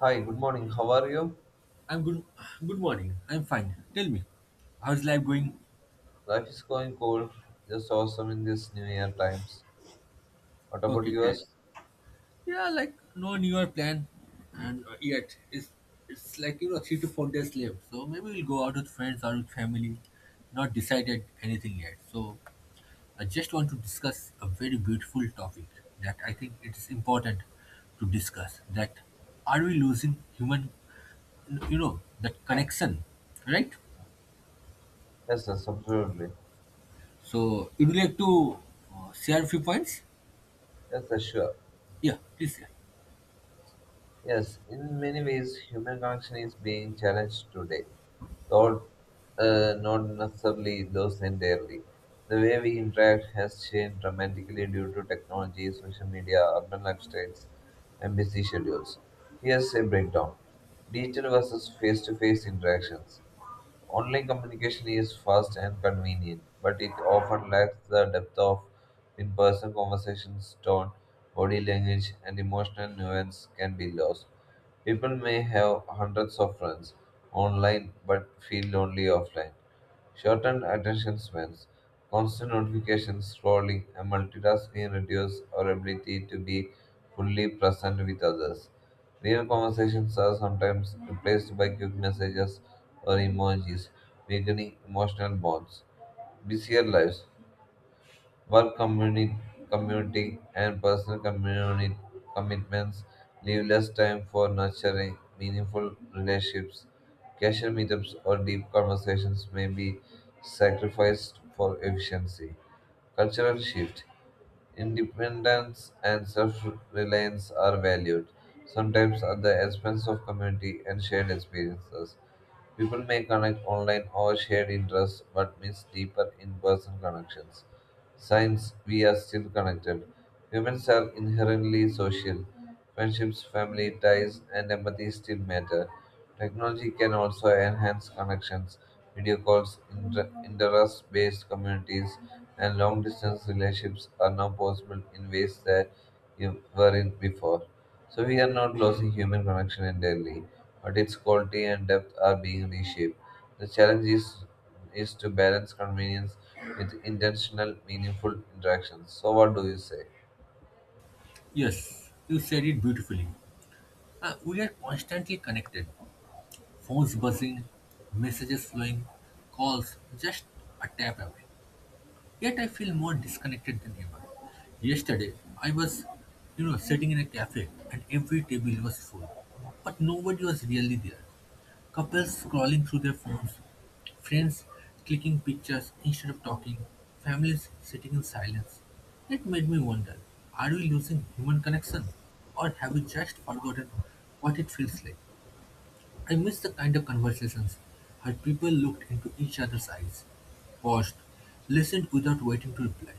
Hi, good morning. How are you? I'm good. Good morning. I'm fine. Tell me, how's life going? Life is going cool. Just awesome in this new year times. What about Okay, great. yours? Yeah, like no newer plan, and yet it's like you know 3 to 4 days left. So maybe we'll go out with friends or with family. Not decided anything yet. So I just want to discuss a very beautiful topic that I think it is important to discuss. That are we losing human, that connection, right? Yes, yes, absolutely. So would you like to share a few points? Yes, yes, sure. Yeah, please. Share. Yes, in many ways, human connection is being challenged today, though not necessarily lost entirely. The way we interact has changed dramatically due to technology, social media, urban lifestyles, and busy schedules. Here's a breakdown: digital versus face to face interactions. Online communication is fast and convenient, but it often lacks the depth of in person conversations. Tone, body language, and emotional nuance can be lost. People may have hundreds of friends online but feel lonely offline. Shortened attention spans, constant notifications, scrolling, and multitasking reduce our ability to be fully present with others. Real conversations are sometimes replaced by quick messages or emojis, weakening emotional bonds. Busier lives. Work community, community and personal community commitments leave less time for nurturing meaningful relationships. Casual meetups or deep conversations may be sacrificed for efficiency. Cultural shift. Independence and self reliance are valued, sometimes at the expense of community and shared experiences. People may connect online or share interests but miss deeper in person connections. Signs we are still connected. Humans are inherently social. Friendships, family ties, and empathy still matter. Technology can also enhance connections: video calls, interest based communities, and long distance relationships are now possible in ways that you weren't before. So we are not losing human connection entirely, but its quality and depth are being reshaped. The challenge is to balance convenience with intentional, meaningful interactions. So what do you say? Yes, you said it beautifully. We are constantly connected. Phones buzzing, messages flowing, calls just a tap away. Yet I feel more disconnected than ever. Yesterday, I was sitting in a cafe and every table was full, but nobody was really there. Couples scrolling through their phones, friends clicking pictures instead of talking, families sitting in silence. It made me wonder, are we losing human connection or have we just forgotten what it feels like? I miss the kind of conversations where people looked into each other's eyes, paused, listened without waiting to reply.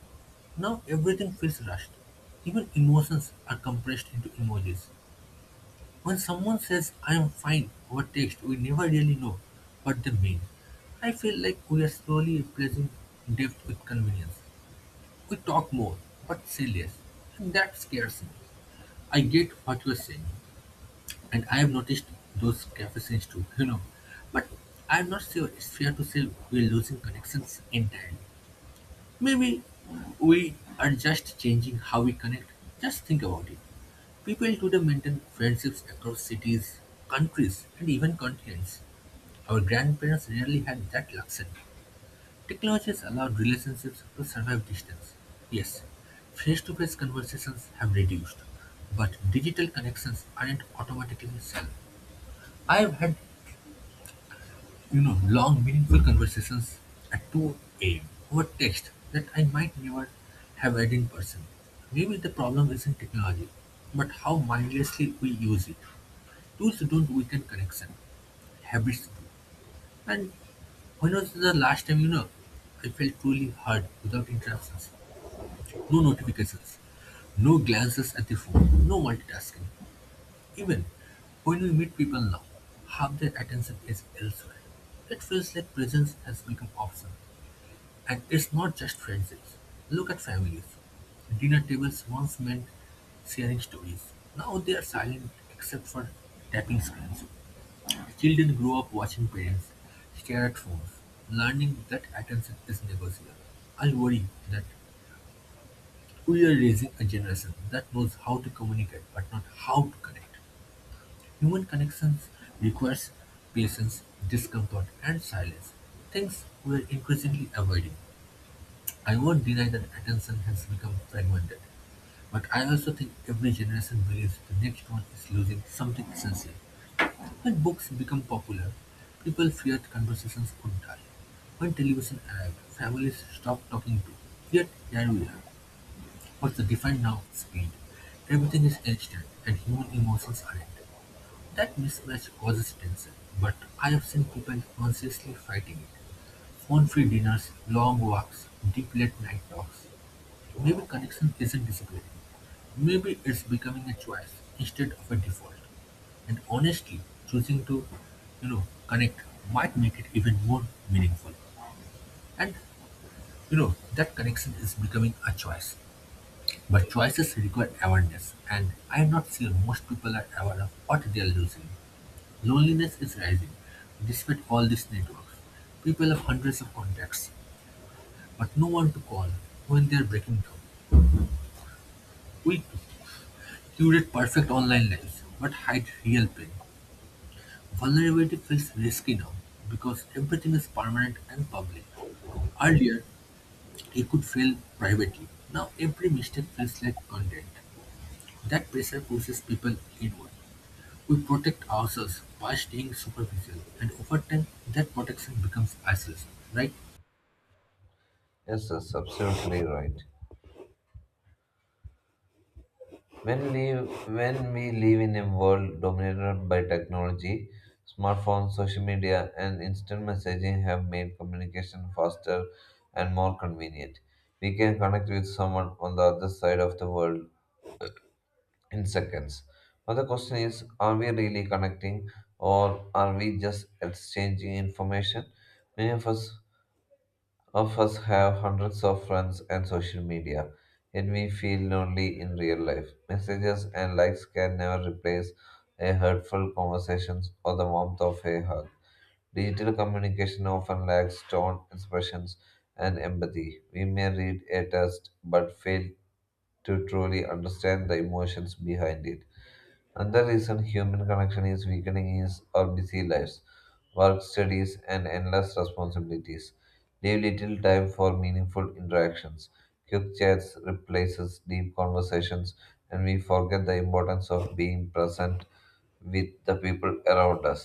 Now everything feels rushed. Even emotions are compressed into emojis. When someone says, I am fine, over text, we never really know what they mean. I feel like we are slowly replacing depth with convenience. We talk more, but say less. And that scares me. I get what you're saying, and I have noticed those cafe scenes too. But I'm not sure it's fair to say we're losing connections entirely. Maybe we are just changing how we connect. Just think about it. People today maintain friendships across cities, countries, and even continents. Our grandparents rarely had that luxury. Technology has allowed relationships to survive distance. Yes, face to face conversations have reduced, but digital connections aren't automatically shallow. I have had long, meaningful conversations at 2 a.m. over text that I might never have had in person. Maybe the problem isn't technology, but how mindlessly we use it. Tools don't weaken connection. Habits do. And when was the last time, I felt truly heard without interruptions? No notifications, no glances at the phone, no multitasking. Even when we meet people now, half their attention is elsewhere. It feels like presence has become optional. And it's not just friendships. Look at families. Dinner tables once meant sharing stories. Now they are silent except for tapping screens. Children grow up watching parents stare at phones, learning that attention is negotiable. I worry that we are raising a generation that knows how to communicate but not how to connect. Human connections requires patience, discomfort, and silence, things we are increasingly avoiding. I won't deny that attention has become fragmented, but I also think every generation believes the next one is losing something essential. When books became popular, people feared conversations would die. When television arrived, families stopped talking too. Yet here we are. What's the defined now? Speed. Everything is instant and human emotions aren't. That mismatch causes tension, but I have seen people consciously fighting it. Phone-free dinners, long walks, deep late night talks. Maybe connection isn't disappearing, maybe it's becoming a choice instead of a default. And honestly, choosing to connect might make it even more meaningful. And that connection is becoming a choice. But choices require awareness, and I'm not sure most people are aware of what they are losing. Loneliness is rising, despite all these networks. People have hundreds of contacts, but no one to call when they are breaking down, weak, curate perfect online lives, but hide real pain. Vulnerability feels risky now because everything is permanent and public. Earlier, you could fail privately. Now, every mistake feels like content. That pressure pushes people inward. We protect ourselves by staying superficial, and over time, that protection becomes isolation, right? Yes, that's absolutely right. When we when we live in a world dominated by technology, smartphones, social media, and instant messaging have made communication faster and more convenient. We can connect with someone on the other side of the world in seconds. But the question is, are we really connecting or are we just exchanging information? Many of us have hundreds of friends and social media, yet we feel lonely in real life. Messages and likes can never replace a hurtful conversations or the warmth of a hug. Digital communication often lacks tone, expressions, and empathy. We may read a text but fail to truly understand the emotions behind it. Another reason human connection is weakening is our busy lives: work, studies, and endless responsibilities. Leave little time for meaningful interactions. Quick chats replaces deep conversations, and we forget the importance of being present with the people around us.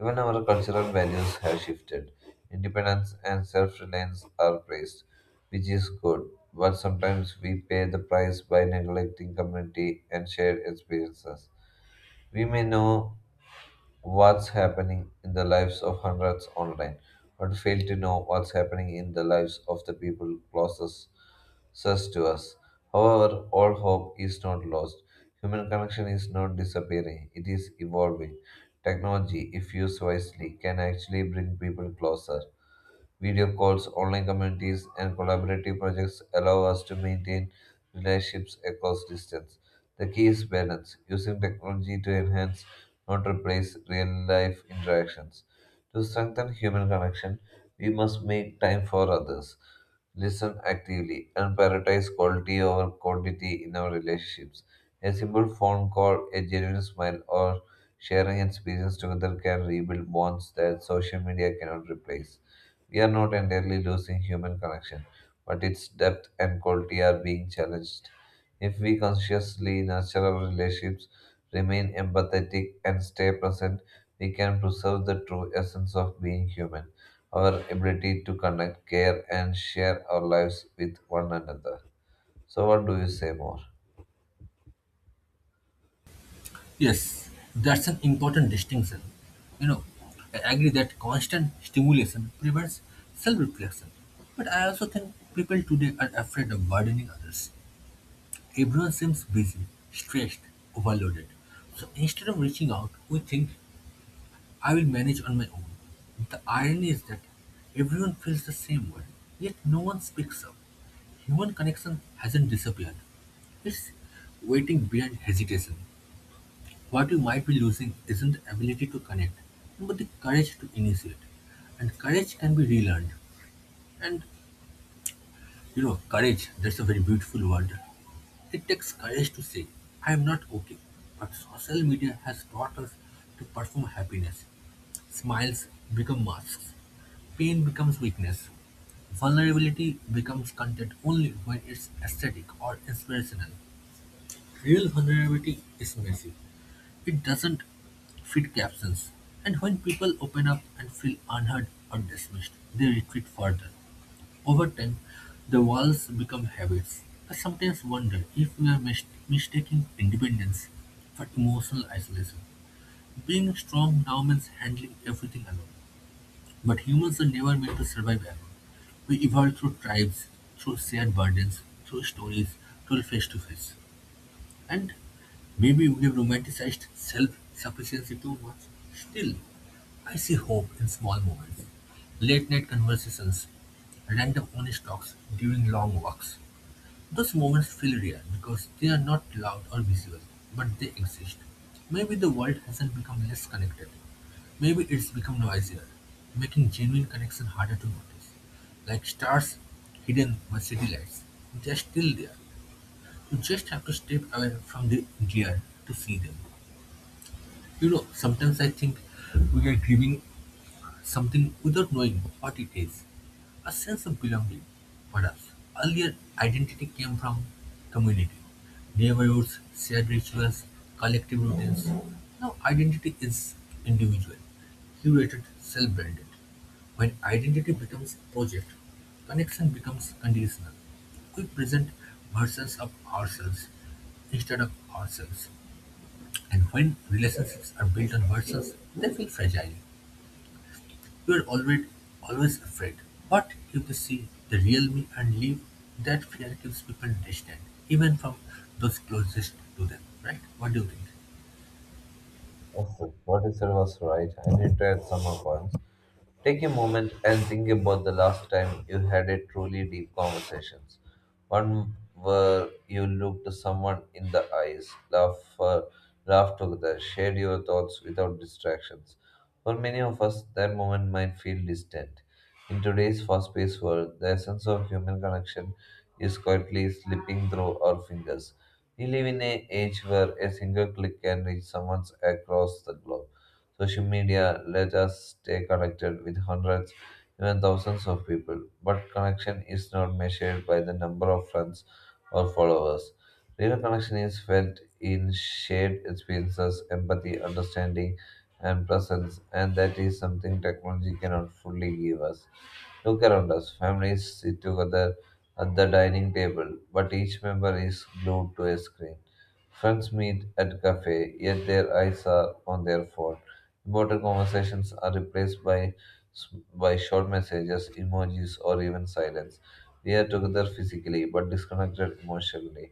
Even our cultural values have shifted. Independence and self reliance are praised, which is good, but sometimes we pay the price by neglecting community and shared experiences. We may know what's happening in the lives of hundreds online, but fail to know what's happening in the lives of the people closest to us. However, all hope is not lost. Human connection is not disappearing, it is evolving. Technology, if used wisely, can actually bring people closer. Video calls, online communities, and collaborative projects allow us to maintain relationships across distance. The key is balance, using technology to enhance, not replace, real life interactions. To strengthen human connection, we must make time for others, listen actively, and prioritize quality over quantity in our relationships. A simple phone call, a genuine smile, or sharing experience together can rebuild bonds that social media cannot replace. We are not entirely losing human connection, but its depth and quality are being challenged. If we consciously nurture our relationships, remain empathetic, and stay present, we can preserve the true essence of being human, our ability to connect, care, and share our lives with one another. So, what do you say more? Yes, that's an important distinction. You know, I agree that constant stimulation prevents self reflection. But I also think people today are afraid of burdening others. Everyone seems busy, stressed, overloaded. So instead of reaching out, we think, I will manage on my own. The irony is that everyone feels the same way, yet no one speaks up. Human connection hasn't disappeared, it's waiting behind hesitation. What you might be losing isn't the ability to connect, but the courage to initiate. And courage can be relearned. And courage, that's a very beautiful word. It takes courage to say, I am not okay. But social media has taught us to perform happiness. Smiles become masks. Pain becomes weakness. Vulnerability becomes content only when it's aesthetic or inspirational. Real vulnerability is messy. It doesn't fit captions, and when people open up and feel unheard or dismissed, they retreat further. Over time, the walls become habits. I sometimes wonder if we are mistaking independence for emotional isolation. Being strong now means handling everything alone, but humans are never meant to survive alone. We evolved through tribes, through shared burdens, through stories, through face to face. And maybe we've romanticized self-sufficiency too much. Still, I see hope in small moments. Late night conversations, random honest talks during long walks. Those moments feel real because they are not loud or visible, but they exist. Maybe the world hasn't become less connected. Maybe it's become noisier, making genuine connection harder to notice. Like stars hidden by city lights, they are still there, you just have to step away from the gear to see them. Sometimes I think we are grieving something without knowing what it is. A sense of belonging, perhaps. Earlier, identity came from community, neighborhoods, shared rituals, collective routines. Now, identity is individual, curated, self branded. When identity becomes a project, connection becomes conditional. We present versions of ourselves instead of ourselves. And when relationships are built on versions, they feel fragile. You're already always afraid. What if they see the real me and leave? That fear keeps people distant, even from those closest to them, right? What do you think? Yes, sir. What you said was right. I need to add some more points. Take a moment and think about the last time you had a truly deep conversation. One where you looked someone in the eyes, laughed together, shared your thoughts without distractions. For many of us, that moment might feel distant. In today's fast paced world, the essence of human connection is quietly slipping through our fingers. We live in an age where a single click can reach someone across the globe. Social media let us stay connected with hundreds, even thousands of people, but connection is not measured by the number of friends or followers. Real connection is felt in shared experiences, empathy, understanding, and presence, and that is something technology cannot fully give us. Look around us. Families sit together at the dining table, but each member is glued to a screen. Friends meet at cafe, yet their eyes are on their phone. Important conversations are replaced by s- by short messages, emojis, or even silence. We are together physically but disconnected emotionally.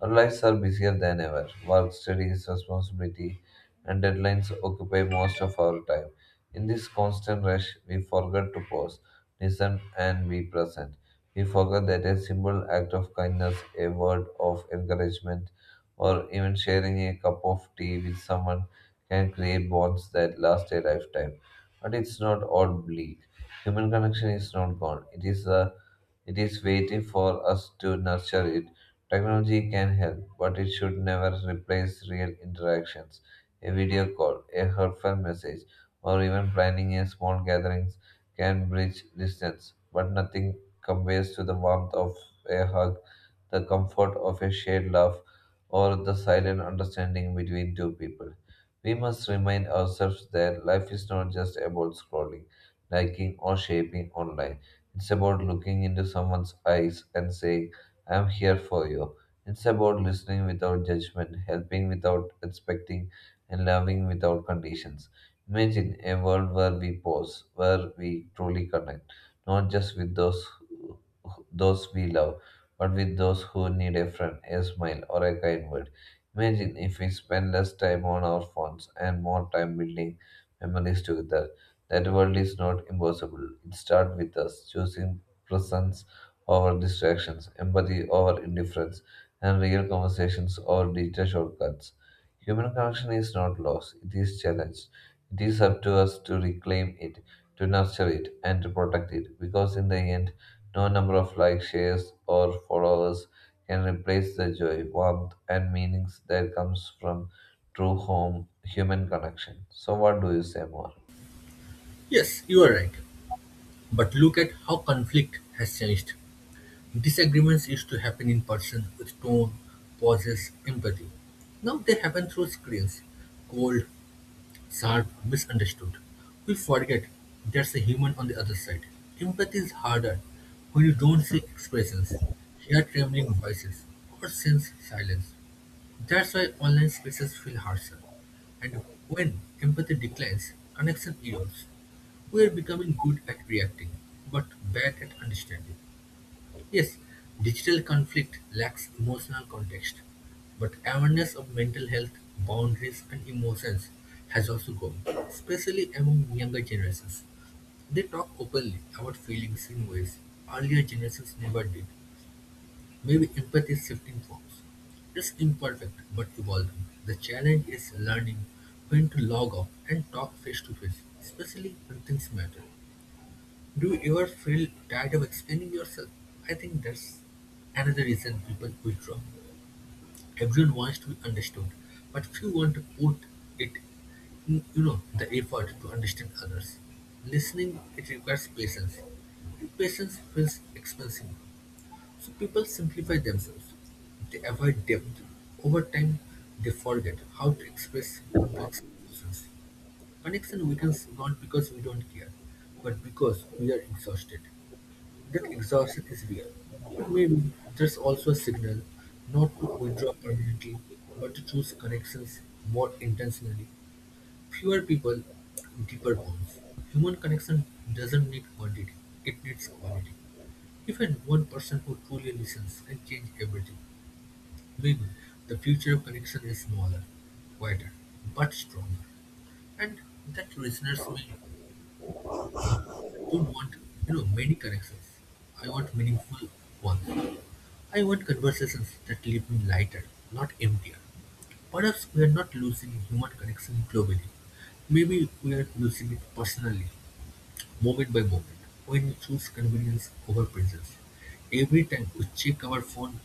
Our lives are busier than ever. Work, studies, responsibility, and deadlines occupy most of our time. In this constant rush, we forget to pause, listen, and be present. We forget that a simple act of kindness, a word of encouragement, or even sharing a cup of tea with someone can create bonds that last a lifetime. But it's not all bleak. Human connection is not gone. It is waiting for us to nurture it. Technology can help, but it should never replace real interactions. A video call, a heartfelt message, or even planning a small gathering can bridge distance, but nothing compares to the warmth of a hug, the comfort of a shared laugh, or the silent understanding between two people. We must remind ourselves that life is not just about scrolling, liking, or shaping online. It's about looking into someone's eyes and saying, "I'm here for you." It's about listening without judgment, helping without expecting, and loving without conditions. Imagine a world where we pause, where we truly connect, not just with those we love, but with those who need a friend, a smile, or a kind word. Imagine if we spend less time on our phones and more time building memories together. That world is not impossible. It starts with us choosing presence over distractions, empathy over indifference, and real conversations over digital shortcuts. Human connection is not lost, it is challenged. It is up to us to reclaim it, to nurture it, and to protect it, because in the end no number of likes, shares, or followers can replace the joy, warmth, and meanings that comes from true home human connection. So what do you say more? Yes, you are right. But look at how conflict has changed. Disagreements used to happen in person with tone, pauses, empathy. Now they happen through screens, cold, sharp, misunderstood. We forget there's a human on the other side. Empathy is harder when you don't see expressions, hear trembling voices, or sense silence. That's why online spaces feel harsher. And when empathy declines, connection erodes. We are becoming good at reacting, but bad at understanding. Yes, digital conflict lacks emotional context, but awareness of mental health, boundaries, and emotions has also grown, especially among younger generations. They talk openly about feelings in ways earlier generations never did. Maybe empathy is shifting forms. It's imperfect but evolving. The challenge is learning when to log off and talk face to face, especially when things matter. Do you ever feel tired of explaining yourself? I think that's another reason people withdraw. Everyone wants to be understood, but few want to put it in the effort to understand others. Listening, it requires patience. And patience feels expensive. So people simplify themselves. They avoid depth. Over time, they forget how to express complex emotions. Connection weakens not because we don't care, but because we are exhausted. That exhaustion is real, but maybe there's also a signal not to withdraw permanently, but to choose connections more intentionally. Fewer people, deeper bonds. Human connection doesn't need quantity, it needs quality. Even one person who truly listens can change everything. Maybe the future of connection is smaller, quieter, but stronger. And that listeners may don't want many connections. I want meaningful ones. I want conversations that leave me lighter, not emptier. Perhaps we are not losing human connection globally. Maybe we are losing it personally, moment by moment, when we choose convenience over presence. Every time we check our phone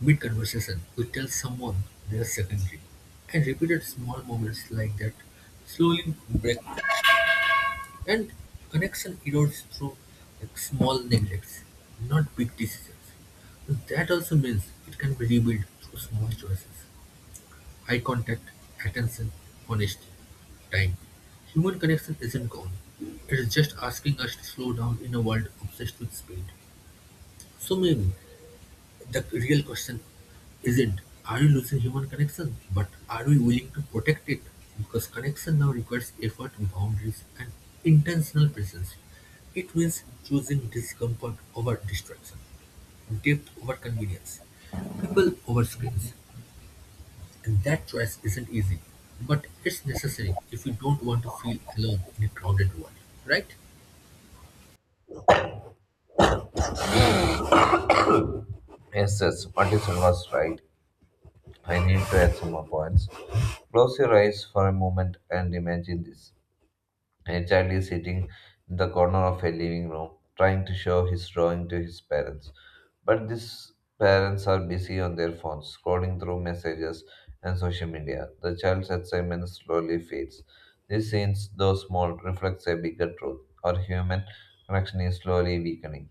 mid conversation, we tell someone they are secondary. And repeated small moments like that slowly break and connection erodes through like small neglects, not big decisions. And that also means it can be rebuilt through small choices. Eye contact, attention, honesty, time. Human connection isn't gone. It is just asking us to slow down in a world obsessed with speed. So maybe the real question isn't are you losing human connection, but are we willing to protect it? Because connection now requires effort, boundaries, and intentional presence. It means choosing discomfort over distraction, depth over convenience, people over screens. And that choice isn't easy, but it's necessary if you don't want to feel alone in a crowded world, right? Yes, yes, what you said was right. I need to add some more points. Close your eyes for a moment and imagine this. A child is sitting in the corner of a living room, trying to show his drawing to his parents. But these parents are busy on their phones, scrolling through messages and social media. The child's excitement slowly fades. This scene, though small, reflects a bigger truth. Our human connection is slowly weakening.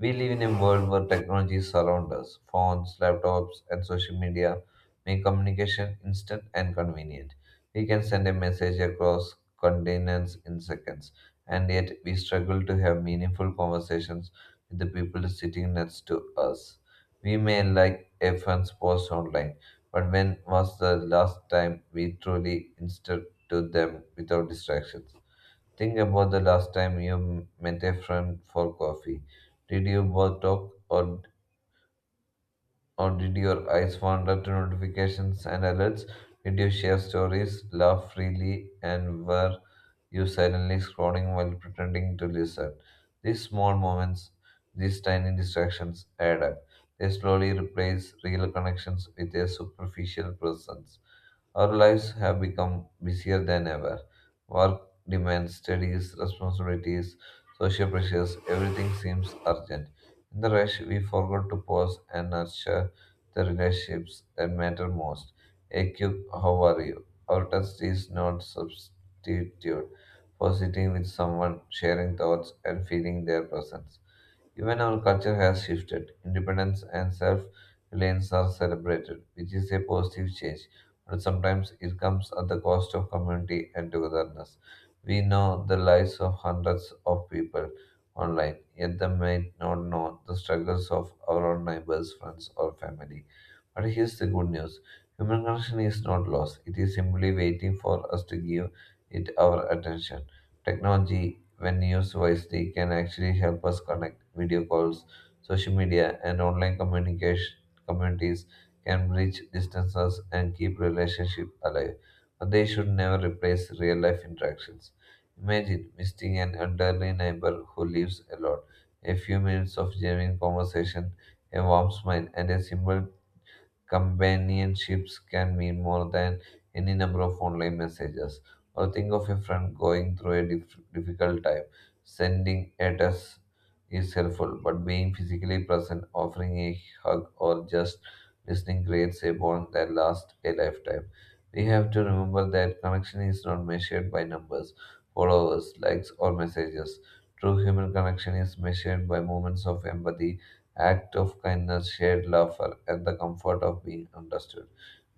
We live in a world where technology surrounds us. Phones, laptops, and social media make communication instant and convenient. We can send a message across continents in seconds, and yet we struggle to have meaningful conversations with the people sitting next to us. We may like a friend's post online, but when was the last time we truly instead to them without distractions? Think about the last time you met a friend for coffee. Did you both talk, or did your eyes wander to notifications and alerts? Did you share stories, laugh freely, and were you silently scrolling while pretending to listen? These small moments, these tiny distractions add up. They slowly replace real connections with a superficial presence. Our lives have become busier than ever. Work demands, studies, responsibilities, social pressures, everything seems urgent. In the rush, we forgot to pause and nurture the relationships that matter most. Hey, Cube, how are you? Our test is not substitute for sitting with someone, sharing thoughts, and feeling their presence. Even our culture has shifted. Independence and self reliance are celebrated, which is a positive change, but sometimes it comes at the cost of community and togetherness. We know the lives of hundreds of people online, yet they may not know the struggles of our own neighbors, friends, or family. But here's the good news: human connection is not lost, it is simply waiting for us to give it our attention. Technology, when used wisely, can actually help us connect. Video calls, social media, and online communication communities can bridge distances and keep relationships alive, but they should never replace real-life interactions. Imagine visiting an elderly neighbor who lives alone. A few minutes of genuine conversation, a warm smile, and a simple companionships can mean more than any number of online messages. Or think of a friend going through a difficult time. Sending a text is helpful, but being physically present, offering a hug, or just listening creates a bond that lasts a lifetime. We have to remember that connection is not measured by numbers, followers, likes, or messages. True human connection is measured by moments of empathy, act of kindness, shared laughter, and the comfort of being understood.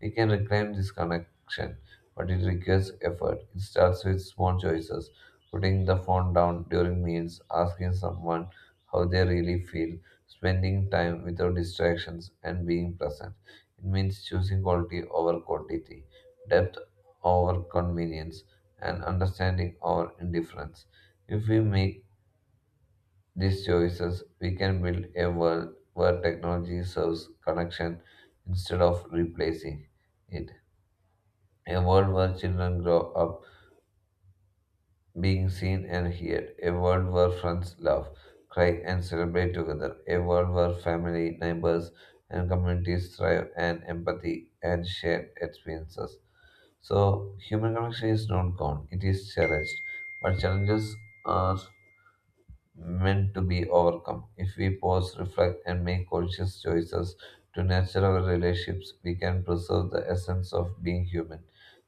We can reclaim this connection, but it requires effort. It starts with small choices, putting the phone down during meals, asking someone how they really feel, spending time without distractions, and being present. It means choosing quality over quantity, depth over convenience, and understanding over indifference. If we make these choices, we can build a world where technology serves connection instead of replacing it. A world where children grow up being seen and heard. A world where friends laugh, cry, and celebrate together. A world where family, neighbors, and communities thrive and empathy and shared experiences. So, human connection is not gone, it is cherished. But challenges are meant to be overcome. If we pause, reflect, and make conscious choices to nurture our relationships, we can preserve the essence of being human,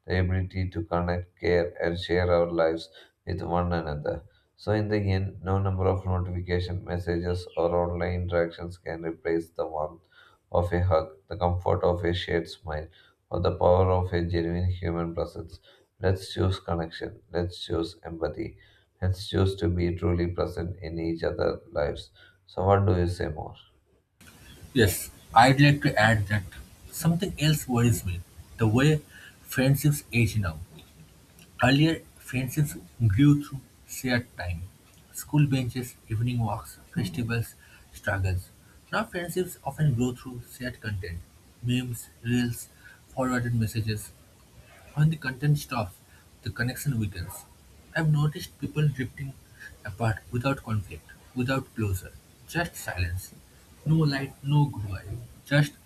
the ability to connect, care, and share our lives with one another. So, in the end, no number of notification messages or online interactions can replace the warmth of a hug, the comfort of a shared smile, or the power of a genuine human presence. Let's choose connection. Let's choose empathy. Let's choose to be truly present in each other's lives. So, what do you say more? Yes, I'd like to add that something else worries me, the way friendships age now. Earlier, friendships grew through shared time: school benches, evening walks, festivals, struggles. Now friendships often grow through shared content: memes, reels, forwarded messages. When the content stops, the connection weakens. I've noticed people drifting apart without conflict, without closure, just silence. No light, no goodbye, just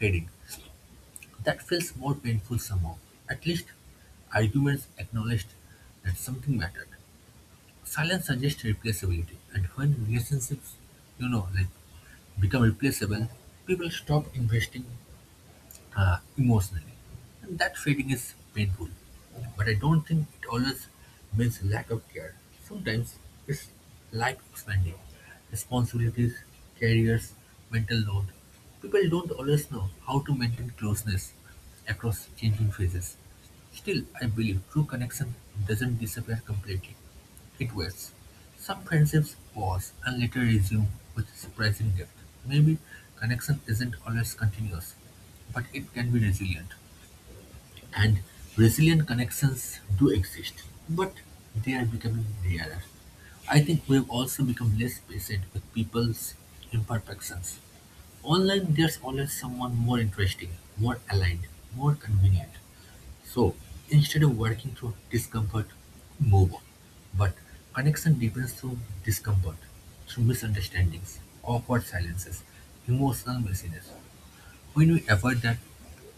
fading. That feels more painful somehow. At least arguments acknowledged that something mattered. Silence suggests replaceability, and when relationships, you know, like become replaceable, people stop investing emotionally. And that feeling is painful. But I don't think it always means lack of care. Sometimes it's life expanding. Responsibilities, careers, mental load. People don't always know how to maintain closeness across changing phases. Still, I believe true connection doesn't disappear completely. It waits. Some friendships pause and later resume with surprising depth. Maybe connection isn't always continuous. But it can be resilient, and resilient connections do exist, but they are becoming rarer. I think we've also become less patient with people's imperfections. Online, there's always someone more interesting, more aligned, more convenient. So instead of working through discomfort, move on. But connection deepens through discomfort, through misunderstandings, awkward silences, emotional messiness. When we avoid that,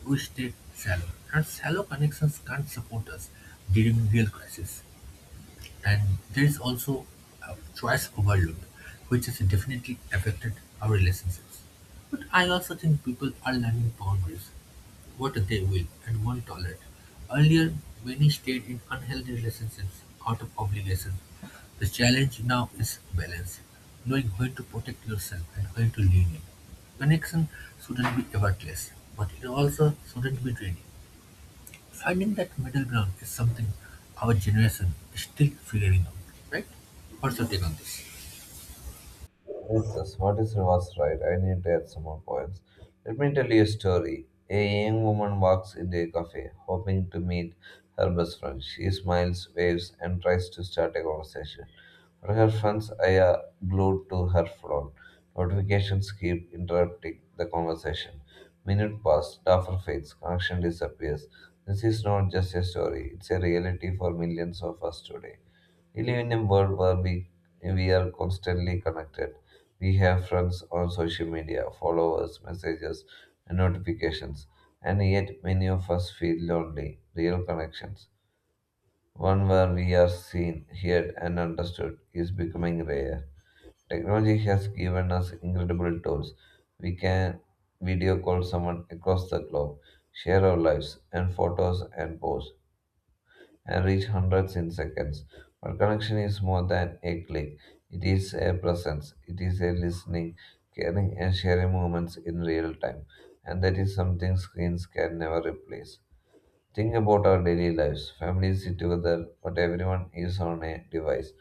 we stay shallow, and shallow connections can't support us during real crisis. And there is also a choice overload, which has definitely affected our relationships. But I also think people are learning boundaries, what they will and won't tolerate. Earlier, many stayed in unhealthy relationships out of obligation. The challenge now is balance, knowing when to protect yourself and when to lean in. Connection shouldn't be effortless, but it also shouldn't be draining. Finding that middle ground is something our generation is still figuring out, right? What's your take on this? Jesus, what is reverse right? I need to add some more points. Let me tell you a story. A young woman walks into a cafe, hoping to meet her best friend. She smiles, waves, and tries to start a conversation. But her friend's eye are glued to her phone. Notifications keep interrupting the conversation. Minute pass, duffer fades, connection disappears. This is not just a story, it's a reality for millions of us today. We live in a world where we are constantly connected. We have friends on social media, followers, messages, and notifications. And yet, many of us feel lonely. Real connections, one where we are seen, heard, and understood, is becoming rare. Technology has given us incredible tools. We can video call someone across the globe, share our lives and photos and posts and reach hundreds in seconds. But connection is more than a click, it is a presence, it is a listening, caring, and sharing moments in real time. And that is something screens can never replace. Think about our daily lives. Families sit together, but everyone is on a device.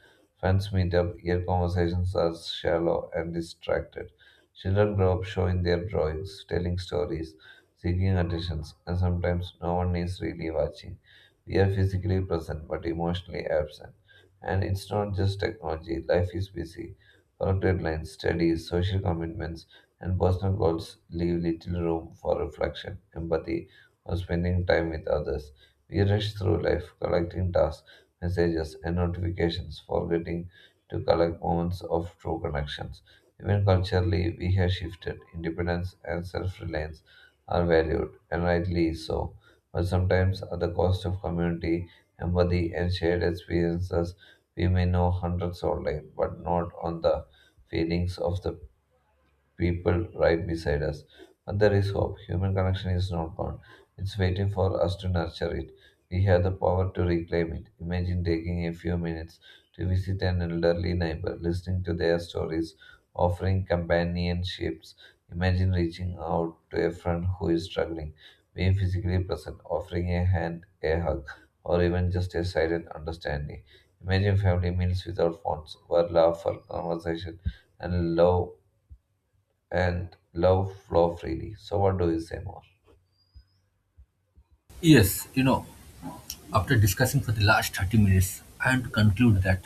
Friends meet up, yet conversations are shallow and distracted. Children grow up showing their drawings, telling stories, seeking attentions, and sometimes no one is really watching. We are physically present but emotionally absent. And it's not just technology, life is busy. Work deadlines, studies, social commitments, and personal goals leave little room for reflection, empathy, or spending time with others. We rush through life, collecting tasks, messages, and notifications, forgetting to collect moments of true connections. Even culturally, we have shifted. Independence and self reliance are valued, and rightly so, but sometimes at the cost of community, empathy, and shared experiences. We may know hundreds online, but not on the feelings of the people right beside us. But there is hope. Human connection is not gone. It's waiting for us to nurture it. We have the power to reclaim it. Imagine taking a few minutes to visit an elderly neighbor, listening to their stories, offering companionships. Imagine reaching out to a friend who is struggling, being physically present, offering a hand, a hug, or even just a silent understanding. Imagine family meals without phones, where love for conversation and love and love flow freely. So, what do you say more? Yes, after discussing for the last 30 minutes, I want to conclude that,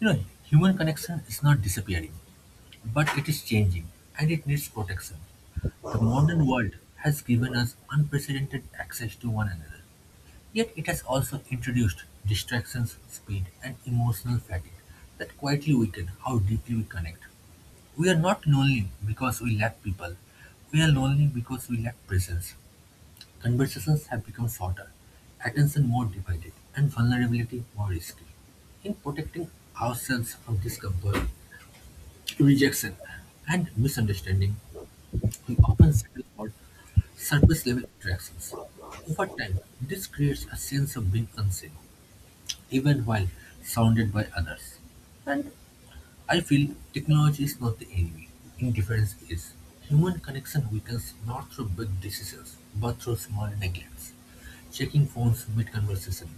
you know, human connection is not disappearing, but it is changing and it needs protection. The modern world has given us unprecedented access to one another, yet it has also introduced distractions, speed, and emotional fatigue that quietly weaken how deeply we connect. We are not lonely because we lack people. We are lonely because we lack presence. Conversations have become shorter, attention more divided, and vulnerability more risky. In protecting ourselves from discomfort, rejection, and misunderstanding, we often settle for surface level interactions. Over time, this creates a sense of being unseen, even while surrounded by others. I feel technology is not the enemy. Indifference is. Human connection weakens not through big decisions, but through small neglects. Checking phones mid conversation,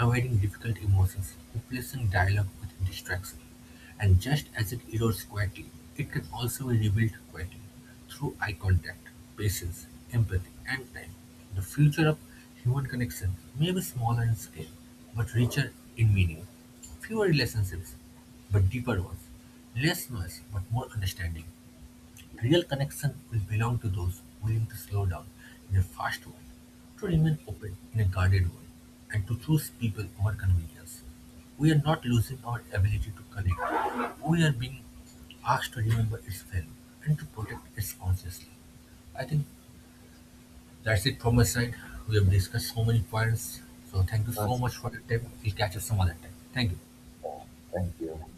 avoiding difficult emotions, replacing dialogue with distraction. And just as it erodes quietly, it can also be rebuilt quietly through eye contact, patience, empathy, and time. The future of human connection may be smaller in scale, but richer in meaning. Fewer relationships, but deeper ones. Less noise, but more understanding. Real connection will belong to those willing to slow down in a fast world, to remain open in a guarded world, and to choose people over convenience. We are not losing our ability to connect. We are being asked to remember its value and to protect its consciously. I think that's it from my side. We have discussed so many points. So thank you so That's- much for the time. We'll catch up some other time. Thank you. all. Thank you.